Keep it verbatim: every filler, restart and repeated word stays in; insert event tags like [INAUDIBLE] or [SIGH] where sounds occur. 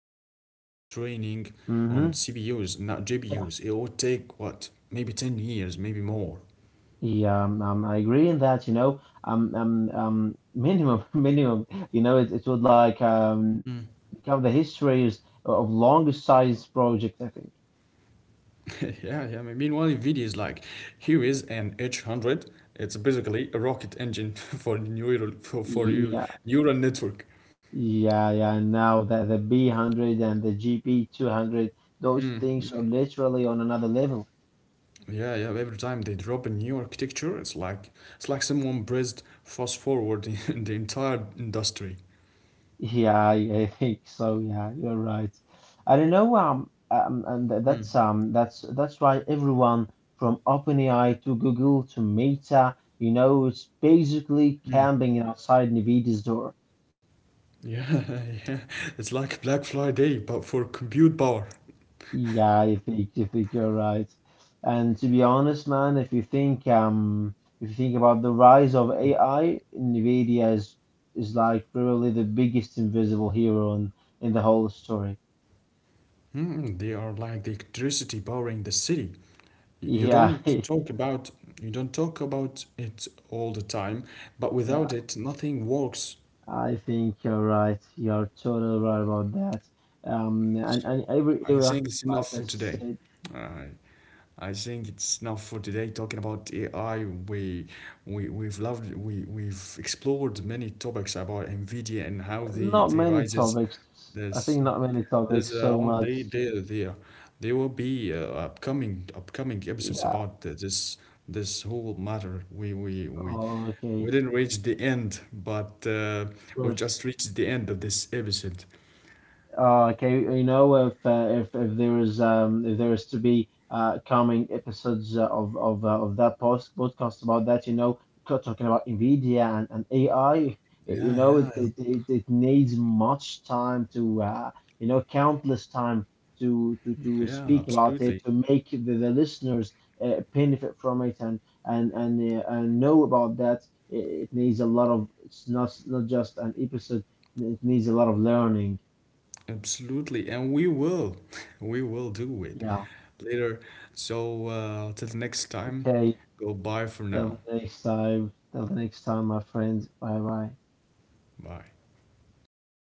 G P T four's training hmm on C P Us, not Yeah. G P Us. It would take what maybe ten years, maybe more. Yeah. Um, um, I agree in that, you know, um, um, um, minimum, [LAUGHS] minimum, you know, it, it would like um become the histories of longest size project, I think. [LAUGHS] yeah, yeah. Meanwhile, NVIDIA is like, here is an H one hundred. It's basically a rocket engine [LAUGHS] for neural for, for your Yeah. neural network. Yeah. Yeah. Now that the B one hundred and the G P two hundred, those things are literally on another level. Yeah, yeah. Every time they drop a new architecture, it's like it's like someone pressed fast forward [LAUGHS] in the entire industry. Yeah, I, I think so. Yeah, you're right. I don't know. Um, um, and th- Hmm. that's um, that's that's right. Everyone from OpenAI to Google to Meta, you know, it's basically camping outside NVIDIA's door. Yeah, [LAUGHS] yeah. It's like Black Friday, but for compute power. Yeah, I think I think you're right. And to be honest, man, if you think um, if you think about the rise of A I, NVIDIA is is like really the biggest invisible hero in, in the whole story. Mm, they are like the electricity powering the city. Y- You Yeah, don't [LAUGHS] talk about you don't talk about it all the time, but yeah. without it, nothing works. I think you're right. You're totally right about that. Um, So and, and I every think era, it's enough for like I today. said, Uh, I think it's enough for today talking about A I. We, we we've loved we we've explored many topics about NVIDIA and how they not they many rises. topics. I think There's not many topics there's uh so much. they they they uh, there will be uh, upcoming upcoming episodes Yeah. about uh, this this whole matter. We we we Oh, okay. we Of didn't reach the end, but uh, we've course. just reached the end of this episode. Oh, okay. You know, if uh, if if there is um if there is to be uh coming episodes uh, of of uh, of that post podcast about that, you know, co- talking about NVIDIA and, and A I, you Yeah, know, yeah, it it, it it needs much time to uh you know countless time to to to yeah, speak about absolutely. it to make the, the listeners uh, benefit from it and and and uh, and know about that. It, it needs a lot of it's not not just an episode. It needs a lot of learning. Absolutely, and we will. [LAUGHS] We will do it Yeah. later. So, uh, till the next time, Okay, goodbye for now. till the next time, till the next time, my friends. Bye bye. Bye. Bye.